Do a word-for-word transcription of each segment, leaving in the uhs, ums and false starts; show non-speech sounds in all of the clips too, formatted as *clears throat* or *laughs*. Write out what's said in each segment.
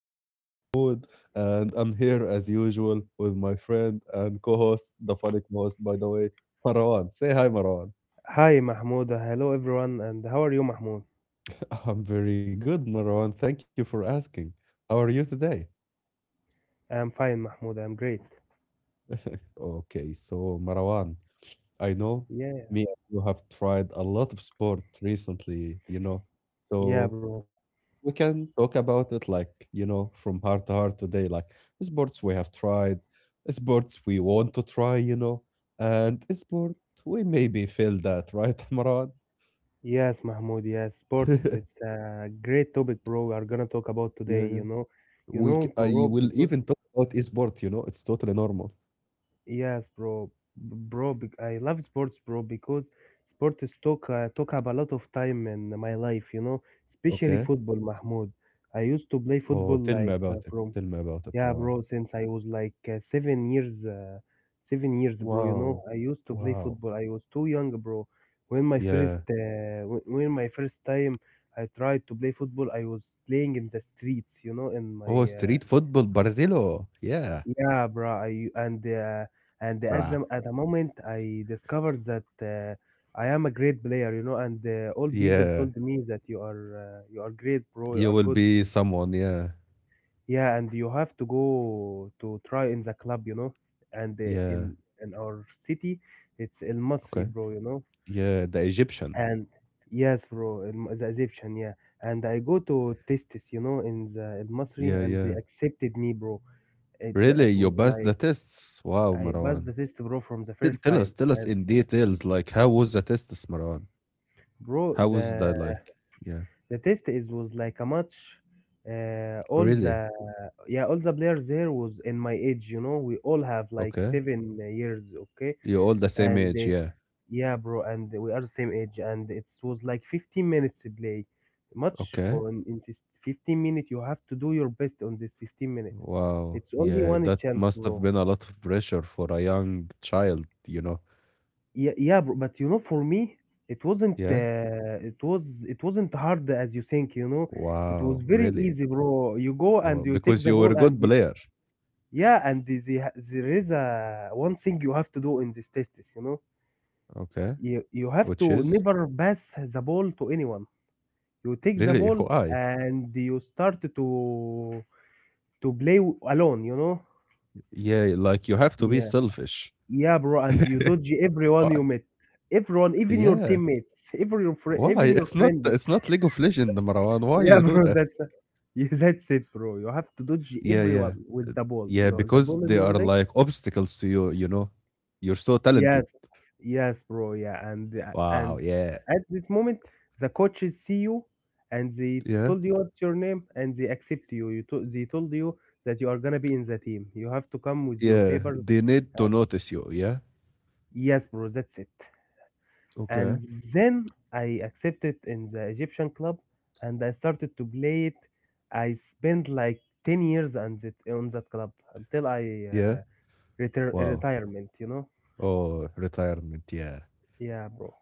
your host, Mahmoud, and I'm here as usual with my friend and co host, the funny most, by the way, Marwan. Say hi, Marwan. Hi, Mahmoud. Uh, Hello, everyone. And how are you, Mahmoud? *laughs* I'm very good, Marwan. Thank you for asking. How are you today? I'm fine, Mahmoud. I'm great. *laughs* Okay, so Marwan, I know Yeah, me and you have tried a lot of sport recently, you know. yeah, So bro. we can talk about it like you know from heart to heart today, like sports we have tried, sports we want to try, you know and sport we maybe failed at, right? *laughs* Maran. Yes, Mahmoud. Yes, *laughs* yeah sports. It's a great topic, bro. We are gonna talk about today. yeah You know, you we c- know, I bro. will Because even talk about esport, you know, it's totally normal. yes, bro, B- bro. bec- I love sports, bro, because sports talk uh, talk up a lot of time in my life. You know, especially Okay. football, Mahmoud. I used to play Oh, football tell me like uh, about it, from tell me about it, Yeah, bro, Maran. since I was like uh, seven years, uh, seven years, bro, you know, Wow. I used to play Wow. football. I was too young, bro. When my yeah. first, uh, when when my first time I tried to play football, I was playing in the streets, you know, in my, Oh, uh, street football, Barzillo. Yeah. yeah, bro. I and uh, and at Bruh. the at the moment I discovered that uh, I am a great player, you know, and uh, all people Yeah, told me that you are uh, you are great, bro. You you are will good. be someone, yeah. Yeah, and you have to go to try in the club, you know. And uh, Yeah. in in our city, it's El Masri, Okay. bro, you know. Yeah, the Egyptian. And yes, bro, El- the Egyptian, yeah. And I go to test this, you know, in the El Masri, Yeah, and they yeah. accepted me, bro. It, Really? it You was passed the like tests? Wow, I passed Marwan. the test, bro, from the Tell first tell us, time. tell us And in details, like how was the tests, Marwan? bro, How was that the like? Yeah. the test is was like a match. Uh, all the Really? yeah, all the players there was in my age, you know. We all have like Okay. seven years, okay, You're all the same and age, uh, yeah. yeah, bro, and we are the same age, and it was like fifteen minutes to play much Okay. for in, in this fifteen minute. You have to do your best on this fifteen minute. Wow. It's only Yeah, one that chance, must bro. have been a lot of pressure for a young child, you know. Yeah, yeah, bro. But you know, for me, it wasn't. Yeah. Uh, it was. it wasn't hard as you think. You know, it was Wow, very really? easy, bro. You go and Oh, you take because the you were ball a and good you, player. yeah, and the, the, there is a one thing you have to do in this test is, you know, Okay. you you have Which to is? never pass the ball to anyone. You take the Really? *laughs* ball Why? and you start to to play w- alone, you know. Yeah, like you have to be Yeah, selfish. yeah, bro, and you dodge everyone you Why? meet, everyone, even your Yeah. teammates, even your fri- Why? even your It's not, friends. it's not League of Legend, Marwan. *laughs* Why yeah, you do bro, that? that's *laughs* yeah, that's it, bro. You have to dodge Yeah, yeah. everyone with the ball, Yeah, you the because ball in they your are leg. like obstacles to you, you know. You're so talented. Yes, yes, bro. Yeah, and uh, Wow, and yeah. at this moment, the coaches see you, and they Yeah. told you what's your name, and they accept you. You to, they told you that you are gonna be in the team. You have to come with your Yeah. paper. They need to notice you, yeah? Yes, bro. That's it. Okay. And then I accepted in the Egyptian club, and I started to play it. I spent like ten years on that on that club until I Yeah. uh, retire Wow. retirement. You know? Oh, retirement. Yeah. Yeah, bro.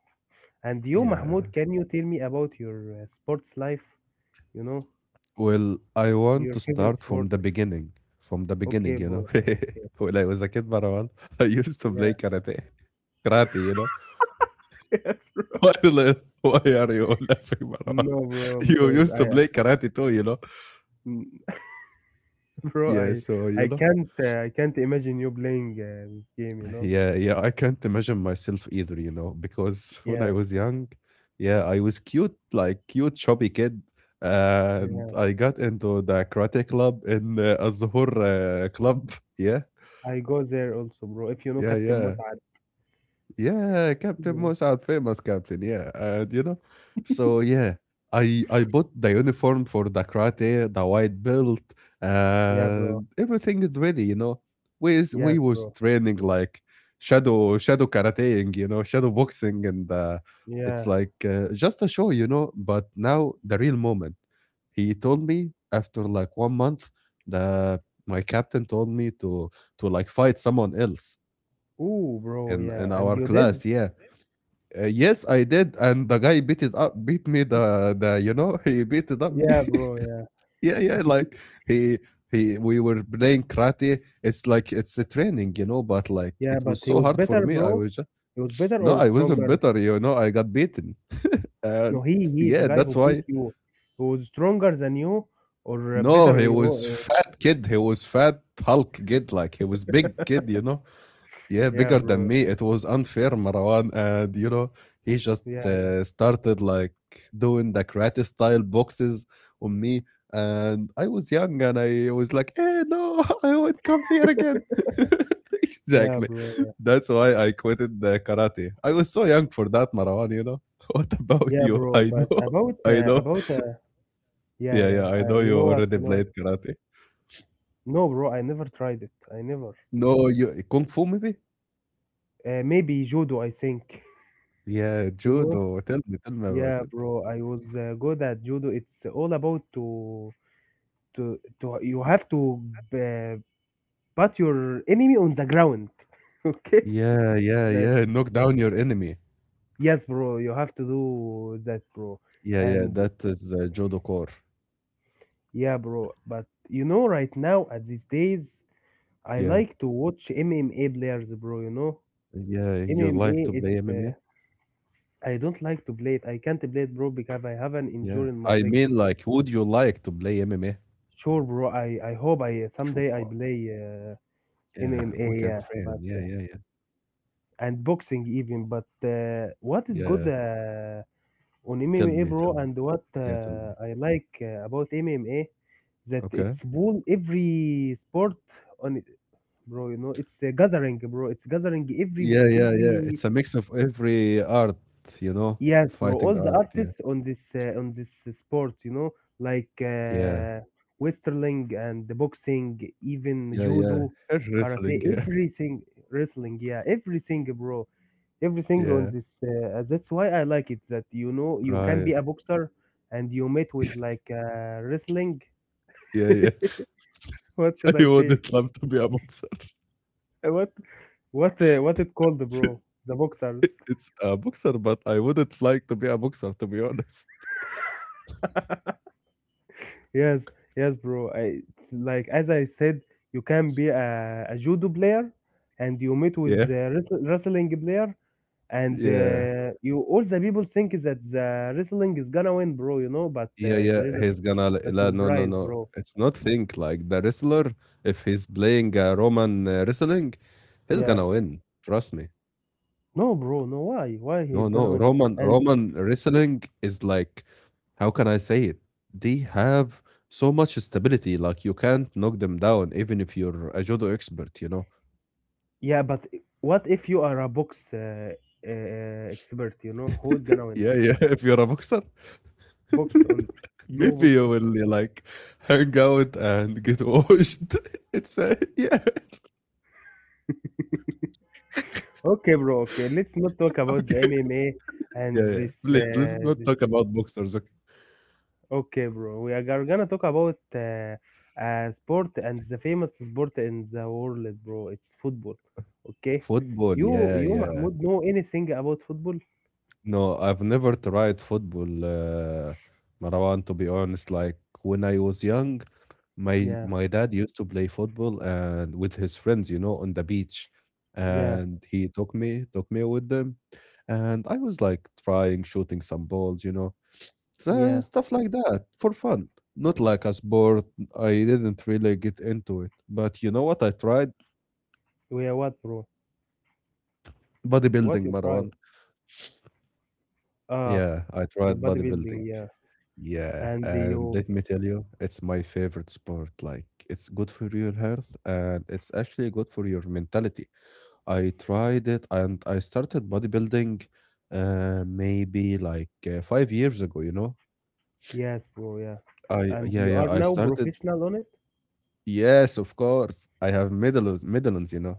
And you, Mahmoud, Yeah. can you tell me about your uh, sports life? You know, Well, I your want to favorite start sport? from the beginning. From the Okay, beginning, you know. bro. *laughs* Okay. When I was a kid, Marwan, *laughs* I used to Yeah. play *laughs* karate. Karate, you know. Yes, bro. Spoiler. Why are you laughing, Marwan? No, *laughs* bro, You because used to I, play karate too, you know. mm, *laughs* bro, Yeah, I, so you I know. can't, uh, I can't imagine you playing uh, this game. You know? Yeah, yeah, I can't imagine myself either, you know, because when I Yeah. was young, yeah, I was cute, like cute chubby kid, and Yeah. I got into the karate club in uh, azhur uh, club. Yeah. I go there also, bro. If you know Yeah, Captain yeah. Musad. Yeah, Captain Yeah. Mossad, famous captain. Yeah, and you know, so yeah, I I bought the uniform for the karate, the white belt, Yeah, bro. and everything is ready. You know, we is- we Yes, was bro. training like shadow shadow karateing, you know, shadow boxing, and uh, it's Yeah. like uh, just a show, you know. But now the real moment. He told me after like one month, the my captain told me to to like fight someone else Ooh, bro. in in Yeah. And our you did? class. Yeah. Uh, yes, I did, and the guy beat it up, beat me. The the you know he beat it up me. *laughs* Yeah, bro. Yeah. Yeah, yeah, like he he we were playing karate. It's like it's a training, you know, but like Yeah, it but was he so was hard for better, me. I bro. was just He was better no, or I wasn't stronger? better, you know. I got beaten, and No, he he is the yeah, guy that's who beat why. you, who is stronger than you or No, better he than you. was Yeah, fat kid. He was fat Hulk kid, like he was big kid, you know. Yeah, yeah, bigger than bro. me. It was unfair, Marwan. And, you know, he just Yeah, yeah, uh, started like doing the karate style boxes on me. And I was young and I was like, eh, no, *laughs* I won't come here again. *laughs* yeah, Exactly. bro. Yeah, That's why I quitted the karate. I was so young for that, Marwan, you know. *laughs* What about yeah, you? bro. I But know. about *laughs* I uh, know. about uh, yeah, Yeah, yeah, yeah. I Uh, know You you know what? already You know what? played karate. No, bro. I never tried it. I never. No, you Kung Fu maybe? Uh, maybe judo. I think. *laughs* Yeah, You know? judo. Tell me, tell me about Yeah, it. bro. I was uh, good at judo. It's all about to to to. you have to uh, put your enemy on the ground. *laughs* Okay. Yeah, yeah, The yeah. Knock down your enemy. yes, bro, you have to do that, bro. Yeah, yeah. And That is uh, judo core. yeah, bro, but you know, right now at these days, I Yeah, like to watch M M A players, bro. You know, yeah. You MMA, like to play it's uh, M M A? I don't like to play it. I can't play it, bro, because I have an Yeah. injury in my I leg. mean, like, would you like to play M M A? Sure, bro. I I hope I uh, someday I Sure. play uh, Yeah, M M A, we can yeah, train. but Yeah, uh, yeah, yeah, and boxing even. But uh, what is good? yeah. Uh, on Tell M M A, me, tell bro, me. and what Yeah, tell me. uh, I like uh, about M M A that Okay. it's pull every sport on it, bro. You know, it's a gathering, bro. It's gathering every Yeah, yeah, yeah. every It's a mix of every art, you know, yes, bro. All fighting the art. Yeah, artists on this uh, on this sport, you know, like yeah, uh, wrestling and the boxing, even yeah, yeah. judo, And karate, Wrestling. Yeah, everything, wrestling, yeah, everything, bro, *laughs* everything on yeah. this uh, uh, That's why I like it, that you know you can Right. be a boxer and you met with *laughs* like uh, wrestling. Yeah, yeah. *laughs* what *laughs* should I I say? wouldn't love to be a boxer. Uh, what what uh, what it called, bro, *laughs* the boxers? It it's a boxer, but I wouldn't like to be a boxer, to be honest. Yes, yes, bro. I, it's like as I said, you can be a, a judo player and you meet with Yeah, a wrestl- wrestling player, and yeah, uh, you all the people think is that the wrestling is gonna win, bro, you know, but yeah, uh, yeah. there is He's gonna l a, a la No, no, surprise, no. bro. It's not think like the wrestler. If he's playing uh, Roman uh, wrestling, he's Yeah. gonna win. Trust me. No, bro, no. Why? Why No, he's gonna no. win? Roman And Roman wrestling is like, how can I say it? They have so much stability. Like you can't knock them down, even if you're a judo expert. You know. yeah, but what if you are a box uh, uh, expert? You know who's gonna win? Yeah, yeah, *laughs* if you're a boxer. Box only. No Maybe box. you will like hang out and get washed. *laughs* It's a, yeah, *laughs* Okay, bro. Okay, let's not talk *laughs* about the okay, M M A and yeah, yeah. this. Please let's Uh, not this. talk about boxers. Okay. Okay, bro. We are gar- gonna talk about uh, uh, sport and the famous sport in the world, bro. It's football. Okay. Football, You, yeah, you, yeah. Mahmoud, know anything about football? No, I've never tried football, uh, Marwan. To be honest, like when I was young, my Yeah, my dad used to play football and with his friends, you know, on the beach, yeah, and he took me took me with them, and I was like trying shooting some balls, you know. So, yeah. stuff like that for fun. Not like a sport. I didn't really get into it. But you know what? I tried We are what, bro? What bodybuilding, you try? Marwan. Ah, Yeah, I your tried bodybuilding. bodybuilding, yeah. Yeah, And and you, let me tell you, it's my favorite sport. Like, it's good for your health and it's actually good for your mentality. I tried it and I started bodybuilding uh maybe like uh, five years ago, you know. yes, bro, yeah. I And Yeah, you yeah, are I now started. professional on it? Yes, of course. I have medals, medals, you know.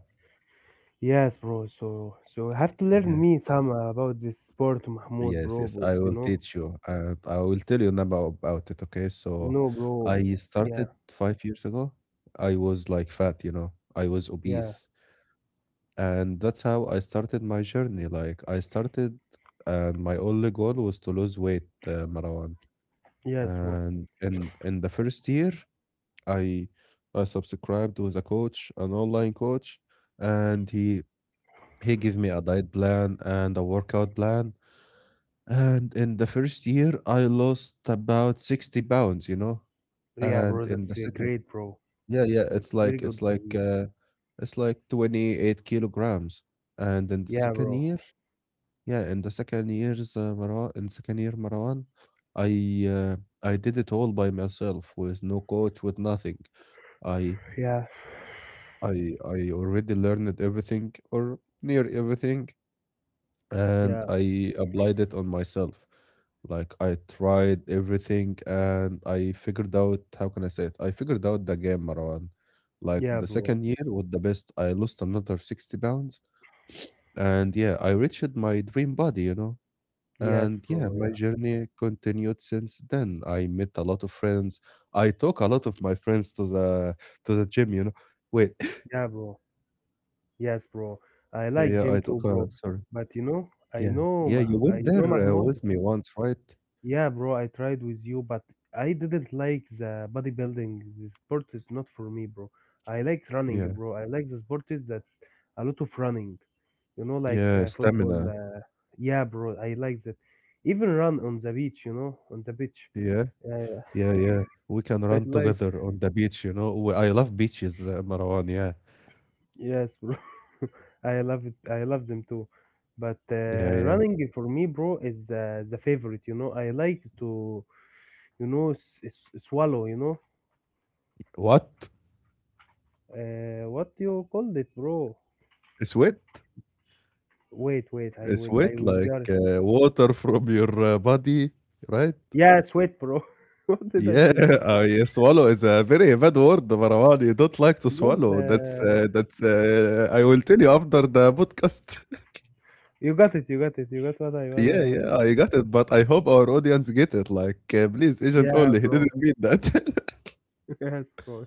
Yes, bro. So, so you have to learn Yeah. me some uh, about this sport, Mahmoud, Yes, bro. yes. Bro, I you will know? teach you, and I will tell you now about about it. Okay. So, No, bro. I Yeah, started five years ago. I was like fat, you know. I was yeah, obese, and that's how I started my journey. Like I started, and my only goal was to lose weight, uh, Marwan. yes, bro. And in in the first year, I I subscribed with a coach, an online coach, and he he gave me a diet plan and a workout plan. And in the first year, I lost about sixty pounds, you know? Yeah, And bro. in That's the uh, second, great, bro. yeah, yeah, That's it's very like it's good to like hear. uh it's like twenty-eight kilograms. And in the Yeah, second bro. year, yeah, in the second year's uh, Marwan, in second year Marwan, I uh, I did it all by myself with no coach, with nothing. I Yeah, I I already learned everything or near everything, *sighs* and yeah, I applied it on myself. Like I tried everything and I figured out, how can I say it? I figured out the game, Marwan. Like yeah, the bro. second year was the best. I lost another sixty pounds and yeah, I reached my dream body, you know. Yes, And yeah, bro. my Yeah, journey continued since then. I met a lot of friends. I took a lot of my friends to the to the gym, you know. Wait, *laughs* yeah, bro. Yes, bro. I yeah, like yeah, gym I too, took bro. a sorry. But you know, I Yeah, know, yeah, you Mah- uh, went you know, there uh, Mahmoud. with me once, right? Yeah, bro. I tried with you, but I didn't like the bodybuilding. The sport is not for me, bro. I like running, Yeah. bro. I like the sport is that a lot of running. You know, like Yeah, uh, football. stamina. Uh, yeah, bro. I like that. Even run on the beach. You know, on the beach. Yeah, Uh, yeah, yeah. We can *laughs* I run like. together on the beach, you know. We I love beaches, uh, Marwan. Yeah, Yes, bro. *laughs* I love it. I love them too. But yeah, uh, yeah. running for me, bro, is the, the favorite. You know, I like to, you know, s- s- swallow. You know, What? uh, what you called it, bro? Sweat? Wait, wait. I will. I Sweat will get like it. uh, water from your uh, body, right? Yeah, sweat, bro. *laughs* what did I Yeah, say? *laughs* I swallow is a very bad word, Marwan. You don't like to Don't. swallow. That's Uh, uh, that's. Uh, I will tell you after the podcast. You got it. You got it. You got what I *laughs* Yeah, wanna. yeah, I got it, but I hope our audience get it. Like, uh, please, agent Yeah, only. *laughs* He bro. didn't mean that. *laughs* *laughs* yes, bro.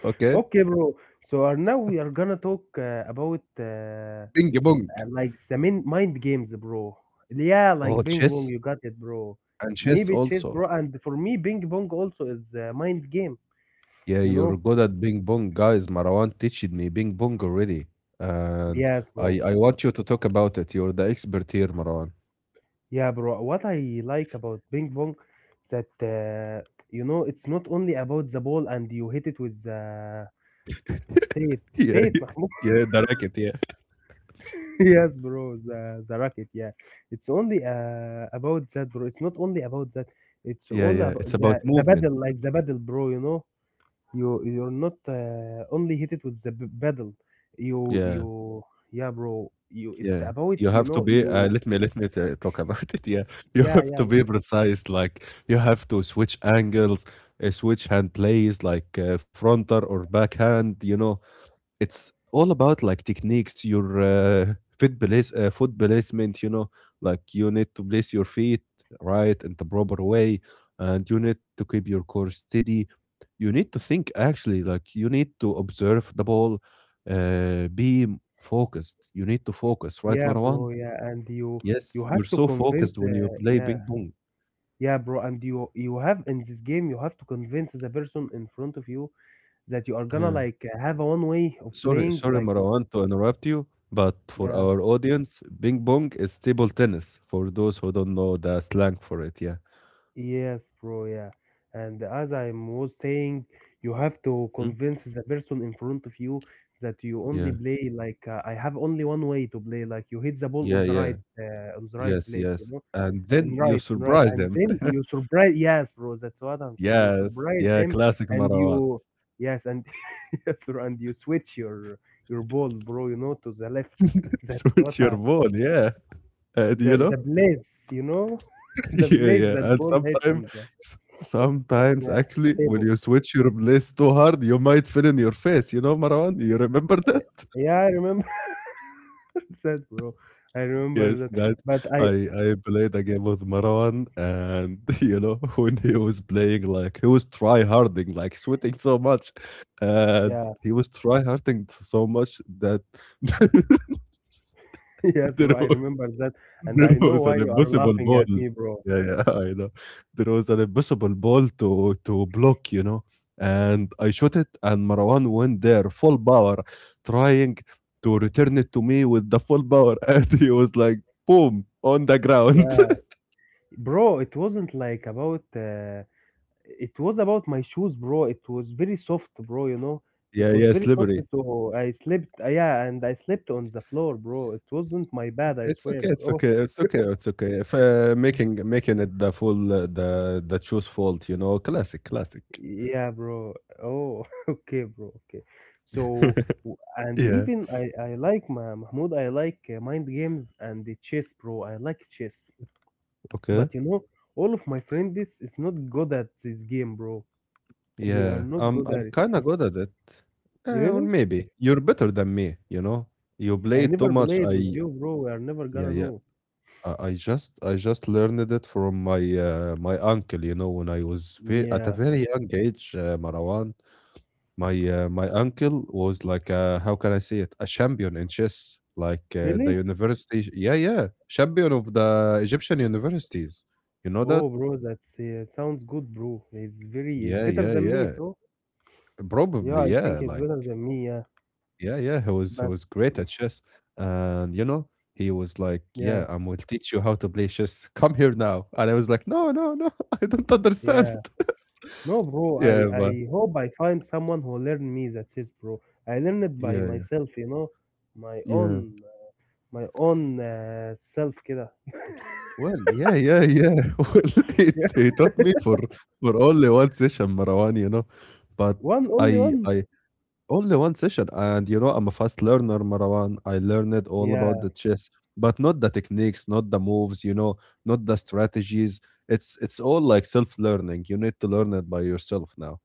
Okay. Okay, bro. So are now we are gonna talk uh, about. Uh, Bing bong. and like the main mind games, bro. Yeah, like Oh, ping pong, chess you got it, bro. and chess Maybe chess, also. bro. And for me, ping pong also is a mind game, Yeah, you you're know? good at ping pong, guys. Marwan teached me ping pong already, and Yes, I bro. I want you to talk about it. You're the expert here, Marwan. *laughs* Yeah, bro. What I like about ping pong that uh, you know it's not only about the ball and you hit it with uh, say it, Yeah, say it, Mahmoud. yeah, the racket. Yeah, *laughs* yes, bro. The the racket, yeah. It's only uh, about that, bro. It's not only about that. It's yeah, all yeah. about It's about the the movement. battle, like the battle, bro. You know. You you're not uh, only hit it with the b- paddle. You Yeah, you yeah, bro. You it's yeah. about You you have to know be. Uh, you Let me let me t- talk about it. Yeah, *laughs* you yeah have yeah to yeah, be precise. Like you have to switch angles, uh, switch hand plays, like uh, fronter or backhand. You know. It's all about like techniques, your uh, fit place, uh, foot placement, you know, like you need to place your feet right in the proper way, and you need to keep your core steady. You need to think actually, like you need to observe the ball, uh, be focused. You need to focus, right, yeah Marwan? bro yeah, and you you Yes, have you're to so convince focused when you uh, play yeah ping pong. yeah bro, and you you have in this game you have to convince the person in front of you that you are gonna Yeah. like have a one way of Sorry, playing sorry, like Marwan, to interrupt you, but for yeah. our audience, ping pong is table tennis for those who don't know the slang for it. Yeah. Yes, bro, yeah. And as I was saying, you have to Hmm? convince the person in front of you that you only Yeah. play like uh, I have only one way to play, like you hit the ball on Yeah. the Yeah. right uh, on the right Yes. place, you Yes. know, And and then you right, and right, surprise and him. then *laughs* you surprise. Yes, bro, that's what I'm saying. You Yes. surprise Yeah. them, Classic and Marwan. you yes, and *laughs* yes, bro, and you switch your your ball, bro, you know, to the left. *laughs* That's Switch what your I, phone. Yeah. And the you the know, place, you know, *laughs* the *laughs* yeah, place yeah. that And ball hit sometimes, on the. sometimes Yeah, actually, when stable. you switch your place too hard, you might fill in your face. You know, Marwan, you remember that? Yeah, yeah, I remember *laughs* that, bro. I remember Yes, that. guys, But I, I I played a game with Marwan, and *laughs* you know when he was playing, like he was try harding, like sweating so much, and yeah, he was try harding so much that *laughs* *laughs* yes, there bro, I was remember that. And I there know was why an you are impossible laughing ball. at me, bro. Yeah, yeah, *laughs* I know. There was an impossible ball to to block, you know, and I shot it, and Marwan went there full power, trying to return it to me with the full power, *laughs* and he was like, boom, on the ground. Yeah, *laughs* bro, it wasn't like about, uh, it was about my shoes, bro. It was very soft, bro, you know. It Yeah, was yeah, very soft, slippery. so I slept, yeah, and I slept on the floor, bro. It wasn't my bad, I It's swear, okay, it's bro. okay, it's okay, it's okay. If, uh, making making it the full uh, the the choose fault, you know, classic, classic. Yeah, bro. Oh, *laughs* okay, bro. Okay. So, *laughs* w- and Yeah, even I, I like Ma- Mahmoud, I like uh, mind games and the chess, bro. I like chess. okay. But you know, all of my friends is is not good at this game, bro. They are Yeah, not I'm good I'm at it. kinda good at it. Uh, or Really? maybe you're better than me, you know. You I play too never much. played I with you, bro. We are never gonna Yeah, yeah. know. I, I just I just learned it from my uh, my uncle, you know, when I was ve at a Yeah. very young age, uh, Marwan. My uh, my uncle was like a, how can I say it? A champion in chess, like uh, the Really? university. Yeah, yeah, champion of the Egyptian universities. You know that? Oh, bro, that's uh, sounds good, bro. He's very, he's Yeah, better yeah, than me, yeah. so yeah, Probably, I think yeah. he's Like, better than me, yeah. yeah, yeah. He was he But was great at chess, and you know, he was like, yeah, "Yeah, I will teach you how to play chess. *laughs* Come here now." And I was like, "No, no, no. *laughs* I don't yeah. understand." *laughs* No, bro, I, Yeah, but I hope I find someone who learn me the chess, bro. I learned it by yeah, myself, you know, my yeah. own my own uh, self kida. *laughs* Well, yeah, yeah, yeah. *laughs* Well, it Yeah. he taught me for for only one session, Marwan, you know, but One only I one. I only one session, and you know, I'm a fast learner, Marwan. I learned all about Yeah, the chess, but not the techniques, not the moves, you know, not the strategies. It's it's all like self-learning. You need to learn it by yourself now.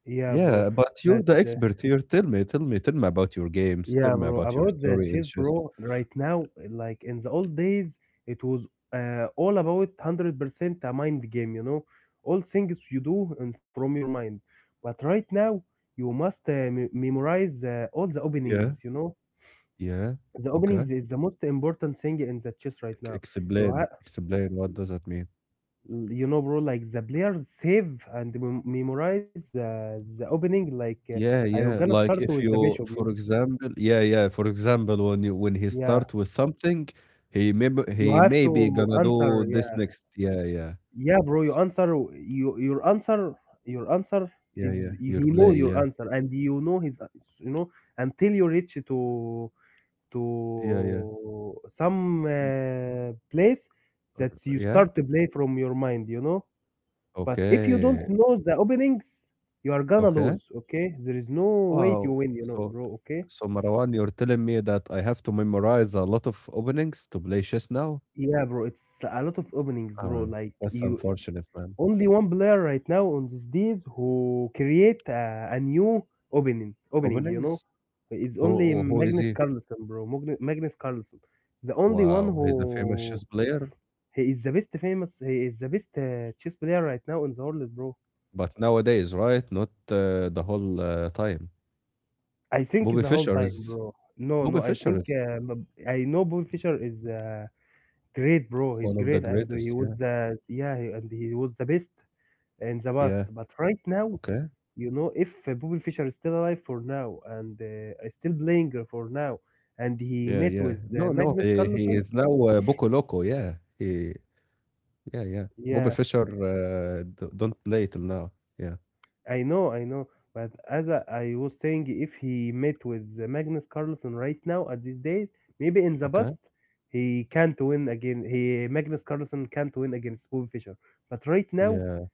yeah, bro. Yeah, but you're That's the uh, expert here. Tell me, tell me, tell me about your games. Yeah, Tell me bro. about your About the story in chess, chess. bro. Right now, like in the old days, it was uh, all about hundred percent a mind game. You know, all things you do and from your mind. But right now, you must uh, me memorize uh, all the openings. Yeah. You know, Yeah, the opening okay. is the most important thing in the chess right Ex now. You ha Explain, explain what does that mean? you know, bro, like the players save and mem- memorize uh, the opening. Like uh, Yeah, I'm yeah, gonna start like with if the you, bishop. You know? for example, yeah, yeah, for example, when you when he Yeah, start with something, he may b- you he have may be to gonna answer. do this Yeah, next. Yeah, yeah, yeah, bro. You answer. You your answer. Your answer yeah, is yeah. you, Your he play, know your yeah, answer and you know his. You know until you reach to to yeah, yeah, some mm, uh, place or- that you yeah. start to play from your mind. You know. But if you don't Okay, know the openings, you are gonna okay. lose, okay? There is no way to Wow. win, you know, So bro, okay? so Marwan, you're telling me that I have to memorize a lot of openings to play chess now? Yeah, bro, it's a lot of openings, bro. Ah, Like that's you unfortunate, man. only one player right now on these days who create a, a new opening, opening, you know, Openings? is only Who who is Magnus he? Carlsen, bro. Magn- Magnus Carlsen, the only one Wow, he's a famous who chess player, he is the best famous, he is the best uh, chess player right now in the world, bro. but nowadays, right? Not uh, the whole uh, time. I think Bobby the whole Fischer time, is bro. No, no, Bobby I Fischer think is um, I know Bobby Fischer is uh, great, bro. He's one of the great, and he greatest. was Yeah, the yeah, he- and he was the best in the past. yeah. But right now, Okay. you know, if uh, Bobby Fischer is still alive for now and uh, is still playing for now, and he Yeah, met with yeah. uh, No, no. Magnus He, he Carlsen, is now uh, Boco Loco. Yeah, he. Yeah, yeah. Bobby yeah, Fischer uh, d- don't play till now. Yeah. I know, I know. But as I, I was saying, if he met with uh, Magnus Carlsen right now at these days, maybe in the Okay. past he can't win again. He Magnus Carlsen can't win against Bobby Fischer. But right now, Yeah,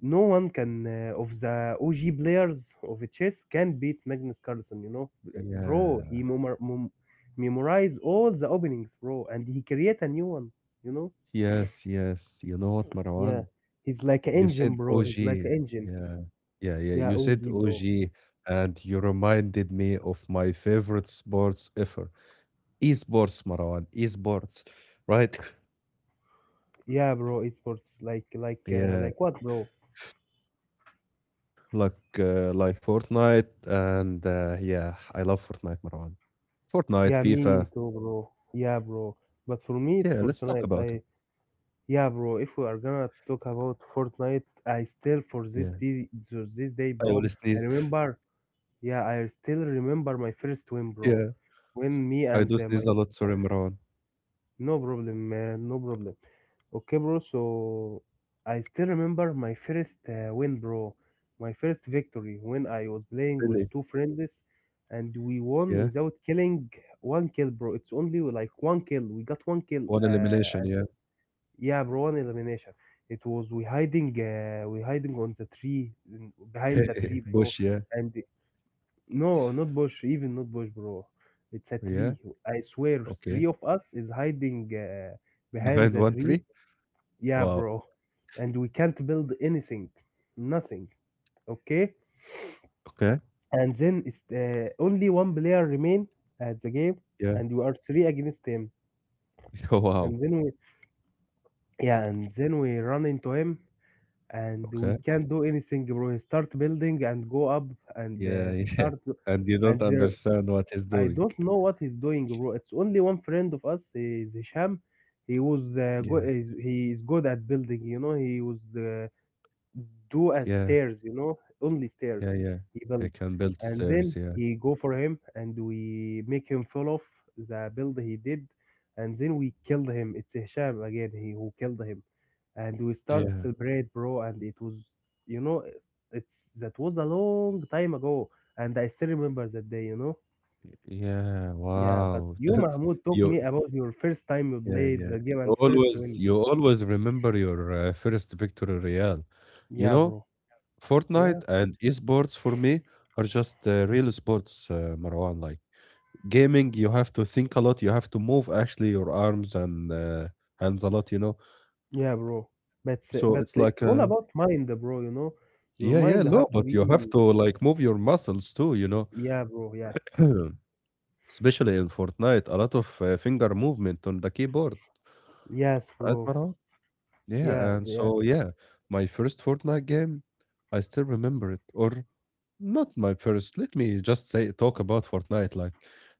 no one can uh, of the O G players of chess can beat Magnus Carlsen. You know, bro, he yeah. memor- mem- memorize all the openings, bro, and he create a new one. You know, Yes, yes. You know what, yeah, Marwan? he's like an You said engine, bro. He's like O G. an engine. Yeah. Yeah, yeah. Yeah, You said O G, bro. O G, and you reminded me of my favorite sports ever. Esports, Marwan. Esports, right? Yeah, bro, esports like like uh, Yeah, like what, bro? like uh, like Fortnite, and uh, yeah, I love Fortnite, Marwan. Fortnite, Yeah, me FIFA. too, bro. Yeah, bro. But for me, it's Yeah, let's talk Fortnite. about it. I Yeah, bro. If we are gonna talk about Fortnite, I still for this Yeah, day, for this day, I bro. will I sneeze. *laughs* remember. Yeah, I still remember my first win, bro. Yeah, When me I do and uh, sneeze my a lot. Sorry, Marwan. No problem, man. No problem. Okay, bro. So I still remember my first uh, win, bro. My first victory when I was playing with Really? two friends and we won Yeah. without killing one kill, bro. It's only like one kill. We got one kill. One Uh, elimination. Yeah. Yeah, bro, one elimination. It was we hiding, uh, we hiding on the tree in- behind the tree, *laughs* bro. Bush. Yeah. And no, not Bush. Even not Bush, bro. It's a tree. Yeah. I swear, three Okay. of us is hiding uh, behind Behind the one tree. tree. Yeah, Wow. bro. And we can't build anything, nothing. Okay. Okay. And then it's uh, only one player remain at the game, Yeah. *laughs* and we are three against him. Oh, wow. And then we, yeah, and then we run into him, and we Okay. can't do anything, bro. He start building and go up and uh, Yeah, *laughs* yeah. start, And you don't and understand what he's I doing. don't know what he's doing, bro. It's only one friend of us, eh, is Hisham. He was uh, go- Yeah, is- he is good at building. You know, he was uh, do as yeah, stairs. You know, only yeah, stairs yeah. he He built, can build and stairs. then Yeah, he go for him, and we make him fall off the build he did, and then we killed him. It's Hisham again. He who killed him, and we start yeah, celebrate, bro. And it was, you know, it's that was a long time ago, and I still remember that day. You know. yeah. Yeah, but Wow, *laughs* you, that's Mahmoud, talk you. me about your first time you Yeah, played yeah. the game You and first always, win. you always remember your uh, first victory, Real. You Yeah, know, bro. Yeah, Fortnite and esports for me are just uh, real sports, uh, Marwan. Like gaming, you have to think a lot. You have to move actually your arms and uh, hands a lot. You know, yeah, bro. But s- so But it's it's like all a. about mind, bro. You know, your Yeah, yeah, mind no, have to but you have be. to like move your muscles too, you know, Yeah, bro. Yeah. *clears throat* especially in Fortnite, a lot of uh, finger movement on the keyboard, Yes, right, bro. Marwan? Yeah, Yeah, and yeah, so yeah, my first Fortnite game, I still remember it, or not my first. Let me just say talk about Fortnite. Like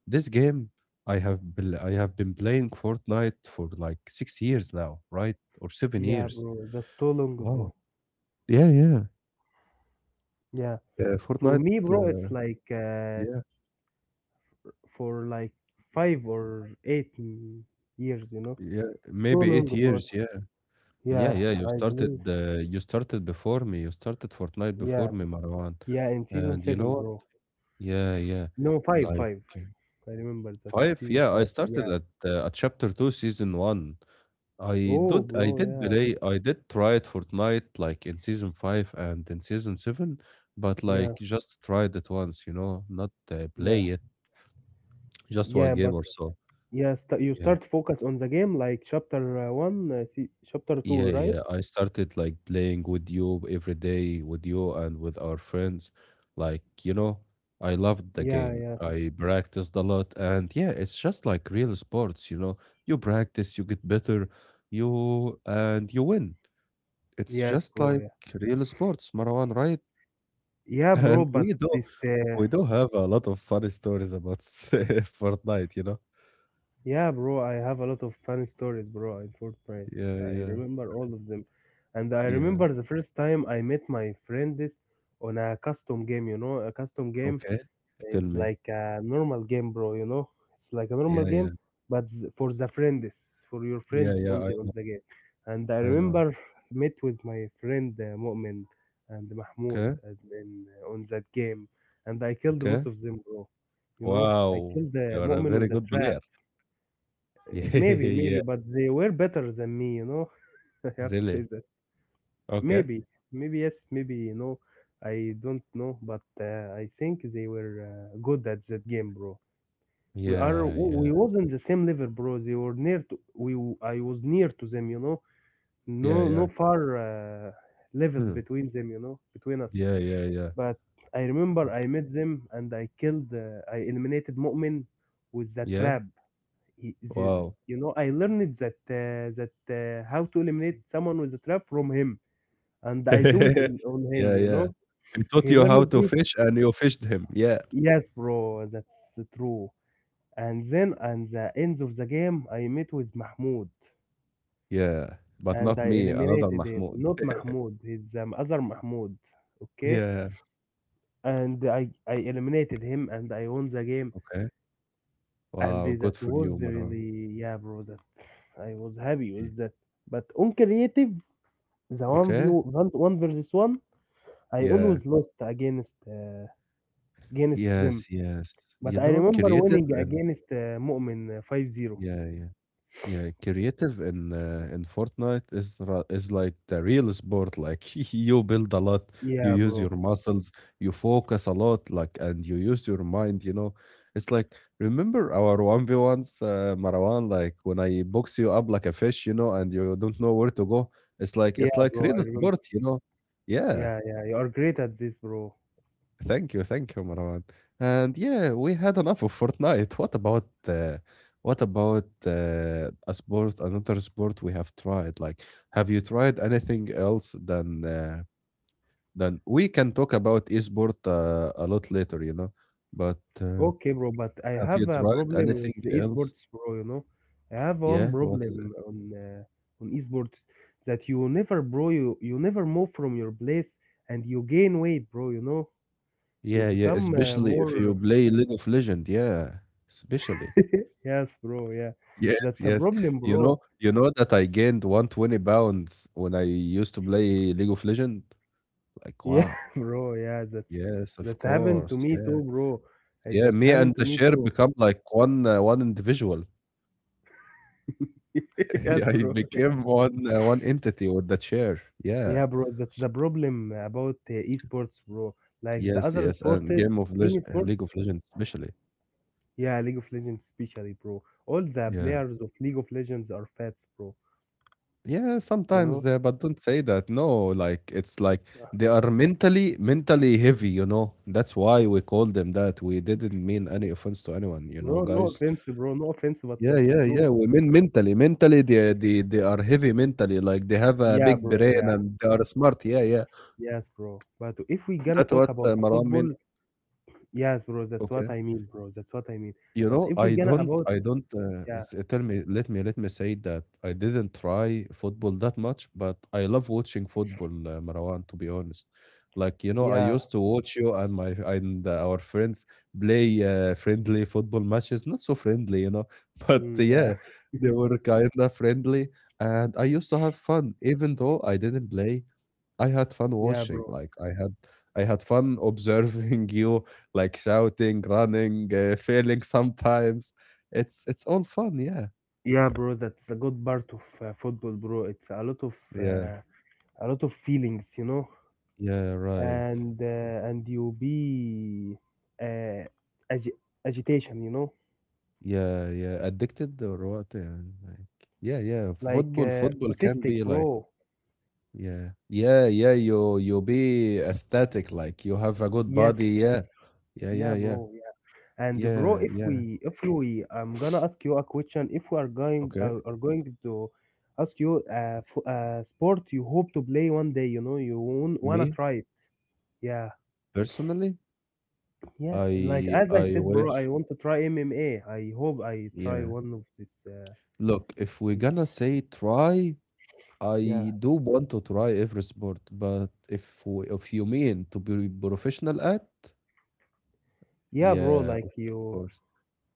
this game, I have been, I have been playing Fortnite for like six years now, right, or seven yeah, years. bro. That's too long, Wow. bro. Yeah, yeah. Yeah. Uh, For Fortnite. me, bro, Uh, it's like uh, yeah. for like five or eight m- years. You know, Yeah, it's too maybe long, eight bro. years. Yeah. Yeah, Yeah, yeah, you I believe. started uh, you started before me. You started Fortnite before Yeah, me, Marwan. yeah. In season And you know seven, what? bro. Yeah, yeah. No, five, Like five. I remember that five, season yeah, I five. started Yeah. at uh, at chapter two, season one. I Oh, did I did bro. play I did try it Fortnite like in season five and in season seven, but Yeah. like Yeah. just tried it once, you know, not uh, Yeah. play it, just one Yeah. game But or so. yeah, st- you Yeah. start focus on the game like chapter uh, one, uh, se- chapter Yeah, two, right? yeah. I started like playing with you every day with you and with our friends. Like, you know, I loved the Yeah. Yeah. game. I practiced a lot. And yeah, it's just like real sports, you know. You practice, you get better, you and you win. It's Yes, just bro. like Yeah. real sports, Marwan, right? Yeah, *laughs* And bro. But we do this. Uh, we do have a lot of funny stories about *laughs* Fortnite, you know. Yeah, bro. I have a lot of funny stories, bro. In Fortnite, Yeah, I yeah, remember all of them, and I yeah. remember the first time I met my friend this on a custom game. You know, a custom game. Okay, tell It's me. like a normal game, bro. You know, it's like a normal Yeah, game, yeah. but z- for the friends, for your Yeah, friends yeah, only on the game. And I I I know. remember met with my friend uh, Mu'min and Mahmoud Okay. and then uh, on that game, and I killed both Okay. of them, bro. You know, I Wow. killed uh, You are a Mu'min very with a good trap. player. Uh, *laughs* Yeah. Maybe, Yeah. maybe, but they were better than me. You know, *laughs* I have to say Really. that. Okay. Maybe, maybe yes, maybe you know. I don't know, but uh, I think they were uh, good at that game, bro. we are Yeah. w- Yeah. We was in the same level, bro. They were near to we w- I was near to them, you know. No, Yeah. no, Yeah. far uh, level Hmm. between them, you know, between us. Yeah. Yeah. Yeah. But I remember Uh, I met them and i killed uh, I eliminated Mu'min with the Yeah. trap. he, the, Wow. you know, I learned that uh, that uh, how to eliminate someone with a trap from him, and I do it *laughs* in, on him, Yeah. you Yeah. know. He taught He you how learned to me. fish and you fished him. Yeah. Yes, bro, that's true. And then at the end of the game I met with Mahmoud Yeah. But and not I me. Another eliminated him. Mahmoud. Not Mahmoud, his um, other Mahmoud. Okay, Yeah. and I I eliminated him, and I won the game. Okay. And Wow. that Good for you, was Marwan. really Yeah, bro. That I was happy Yeah. with that. But on creative, the one v Okay. one, one versus one, I Yeah. always lost against uh, against them. Yes. Yes. But You I know, remember creative winning and against uh, Mu'min uh, five zero. yeah. Yeah. Yeah, creative in uh, in Fortnite is ra- is like the real sport. Like *laughs* you build a lot, you Yeah, use your bro. muscles, you focus a lot, like and you use your mind. You know, it's like remember our one v ones, uh, Marwan. Like when I box you up like a fish, you know, and you don't know where to go. It's like Yeah, it's like bro. I real remember. sport, you know. Yeah. Yeah, yeah. You are great at this, bro. Thank you, thank you, Marwan. And yeah, we had enough of Fortnite. What about uh, what about uh, a sport, another sport we have tried? Like, have you tried anything else than uh, than we can talk about esport uh, a lot later, you know? But uh, Okay, bro, but I have have you a tried problem with anything the else? esports, bro. You know, I have one Yeah, what is problem it? on uh, on esports that you never, bro, you you never move from your place and you gain weight, bro. You know, you Yeah, yeah, become uh, especially if more. you *laughs* play League of Legend. Yeah, especially. Yes, bro. Yeah, Yes, that's a yes. problem, You know bro. you know that I gained one hundred twenty pounds when I used to play League of Legends. Like, Yeah, wow. *laughs* bro. Yeah, that's Yes, of that's happened to course, me yeah. too, bro. Uh, Yeah, That's me happened and to the me share too. become like one uh, one individual. *laughs* *laughs* Yes, Yeah, he bro. became one uh, one entity with the chair. Yeah. Yeah, bro. That's the problem about uh, esports, bro. Like the Yes, other yes, and sports, Game of Leg any sport. League of Legends especially. Yeah, League of Legends especially, bro. All the Yeah. players of League of Legends are fats, bro. Yeah, You sometimes know, there, but don't say that. No, like it's like they are mentally mentally heavy, you know. That's why we call them that. We didn't mean any offense to anyone, you know, bro. No guys. offense, bro. No offense, but Yeah, that's yeah, yeah. true. We mean mentally. Mentally they they, they are heavy mentally, like they have a Yeah, big bro. brain Yeah, and they are smart. Yeah, yeah. yes, bro. But if we gonna That's talk what about uh, the Marwan meant. football, yes, bro. That's Okay. what I mean, bro. That's what I mean. You But know, if we I gonna don't about, I don't, uh, yeah, s uh, tell me let me let me say that I didn't try football that much, but I love watching football, uh, Marwan, to be honest. Like, you know, I yeah, used to watch you and my and uh, our friends play, uh, friendly football matches. Not so friendly, you know, *laughs* but mm, yeah, yeah, they were kinda friendly, and I used to have fun even though I didn't play, I had fun yeah, watching, bro. like, I had I had fun *laughs* observing you, like, shouting, running, uh, failing sometimes. It's it's all fun, yeah. Yeah, bro. That's a good part of uh, football, bro. It's a lot of Yeah, uh, a lot of feelings, you know. yeah, right. and uh, and you be uh, agi- agitation, you know, Yeah, yeah. Addicted or what, يعني like yeah, yeah. like Football uh, football can autistic, be like bro. yeah. Yeah. Yeah, you you be aesthetic, like, you have a good Yes. body, yeah. Yeah, yeah, Yeah, yeah. bro. Yeah. And, uh, bro, Yeah, if yeah. we if we I'm gonna ask you a question. If we are going Okay. uh, are going to ask you uh, f- uh sport you hope to play one day, you know, you won- wanna Me, try it. Yeah, personally, yeah. Like, I as I I said, bro, I wish, want to try MMA. I hope I try yeah. one of this uh Look, if we're this gonna say try, Yeah, I do want to try every sport, but if we, if you mean to be professional at, yeah, bro. yeah, Like, of you. course,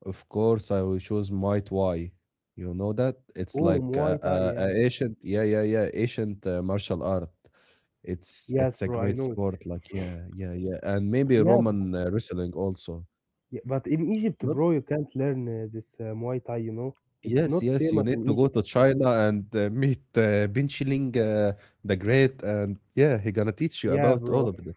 of course, I will choose Muay Thai. You know that? It's Oh, like a, Muay Thai, a, yeah. a ancient, yeah, yeah, yeah, ancient uh, martial art. It's Yes, it's a bro, I great know it. sport, like yeah, yeah, yeah, and maybe Yeah, Roman uh, wrestling also. yeah, but in Egypt, Not. bro, you can't learn uh, this uh, Muay Thai, you know? It's Yes, not yes, you famous need in to go Egypt. to China and uh, meet uh, Bin Chilling uh, the Great, and yeah, he gonna teach you Yeah, about all bro. *laughs* of that.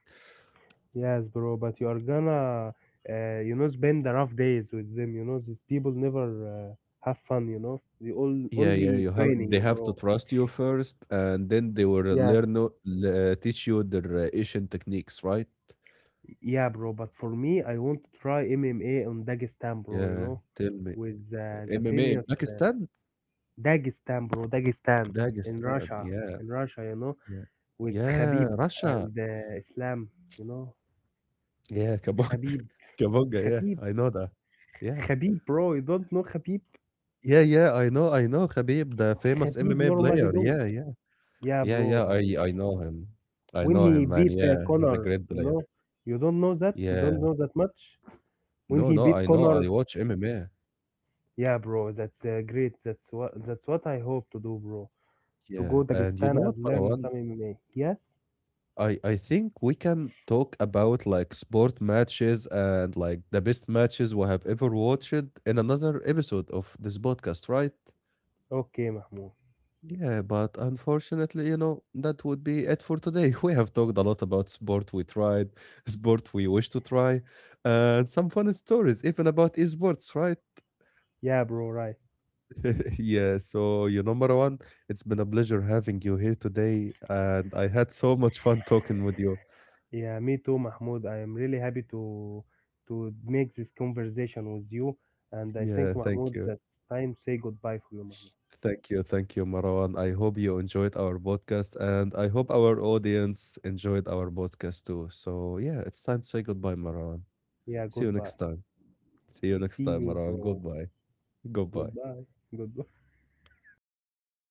Yes, bro, but you are gonna, uh, you know, spend the rough days with them, you know? These people never uh, have fun, you know? They all Yeah, yeah, only you have they training, have to bro. trust you first, and then they will Yes. learn o- le- uh, teach you their uh, Asian techniques, right? Yeah, bro, but for me, I want to try M M A on Dagestan, bro, you Yeah, know? tell me, With uh, uh, the M M A in famous uh, Pakistan, Dagestan, bro, Dagestan in Dagestan, Russia, yeah, in Russia, you know? yeah, With yeah, Khabib Russia, and uh, Islam, you know, yeah, Kabong, Khabib, *laughs* Kabonga, yeah, Khabib, I know that, yeah, Khabib, bro. You don't know Khabib, yeah, yeah, I know, I know, Khabib, the famous Khabib M M A player, Nurmagomedov. yeah, yeah. Yeah, Yeah, bro. yeah, I I I know him. I When know he him, man. beat uh, Yeah, he's a Connor, great you player. know, you don't know that. You Yeah. don't know that much. No, When he no, I beat know. I Connor, watch M M A. yeah, bro. That's uh, great. That's what that's what I hope to do, bro. To Yeah. go And you know Dagestan what, and learn Marwan? some M M A. Yes. I I think we can talk about like sport matches and like the best matches we have ever watched in another episode of this podcast, right? Okay, Mahmoud. Yeah, but unfortunately, you know, that would be it for today. *laughs* We have talked a lot about sport we tried, sport we wish to try, and some fun stories, even about esports, right? Yeah, bro. Right. *laughs* Yeah, so you know, Marwan, it's been a pleasure having you here today, and I had so much fun talking with you. Yeah, me too, Mahmoud. I am really happy to to make this conversation with you. And I think, Yeah, thank Mahmoud, you. that's time say goodbye for you, Mahmoud. Thank you. Thank you, Marwan. I hope you enjoyed our podcast, and I hope our audience enjoyed our podcast too. So, yeah, it's time to say goodbye, Marwan. Yeah, See you next goodbye. time. See you next See time, you, Marwan. bro. Goodbye. Goodbye. Goodbye. Goodbye.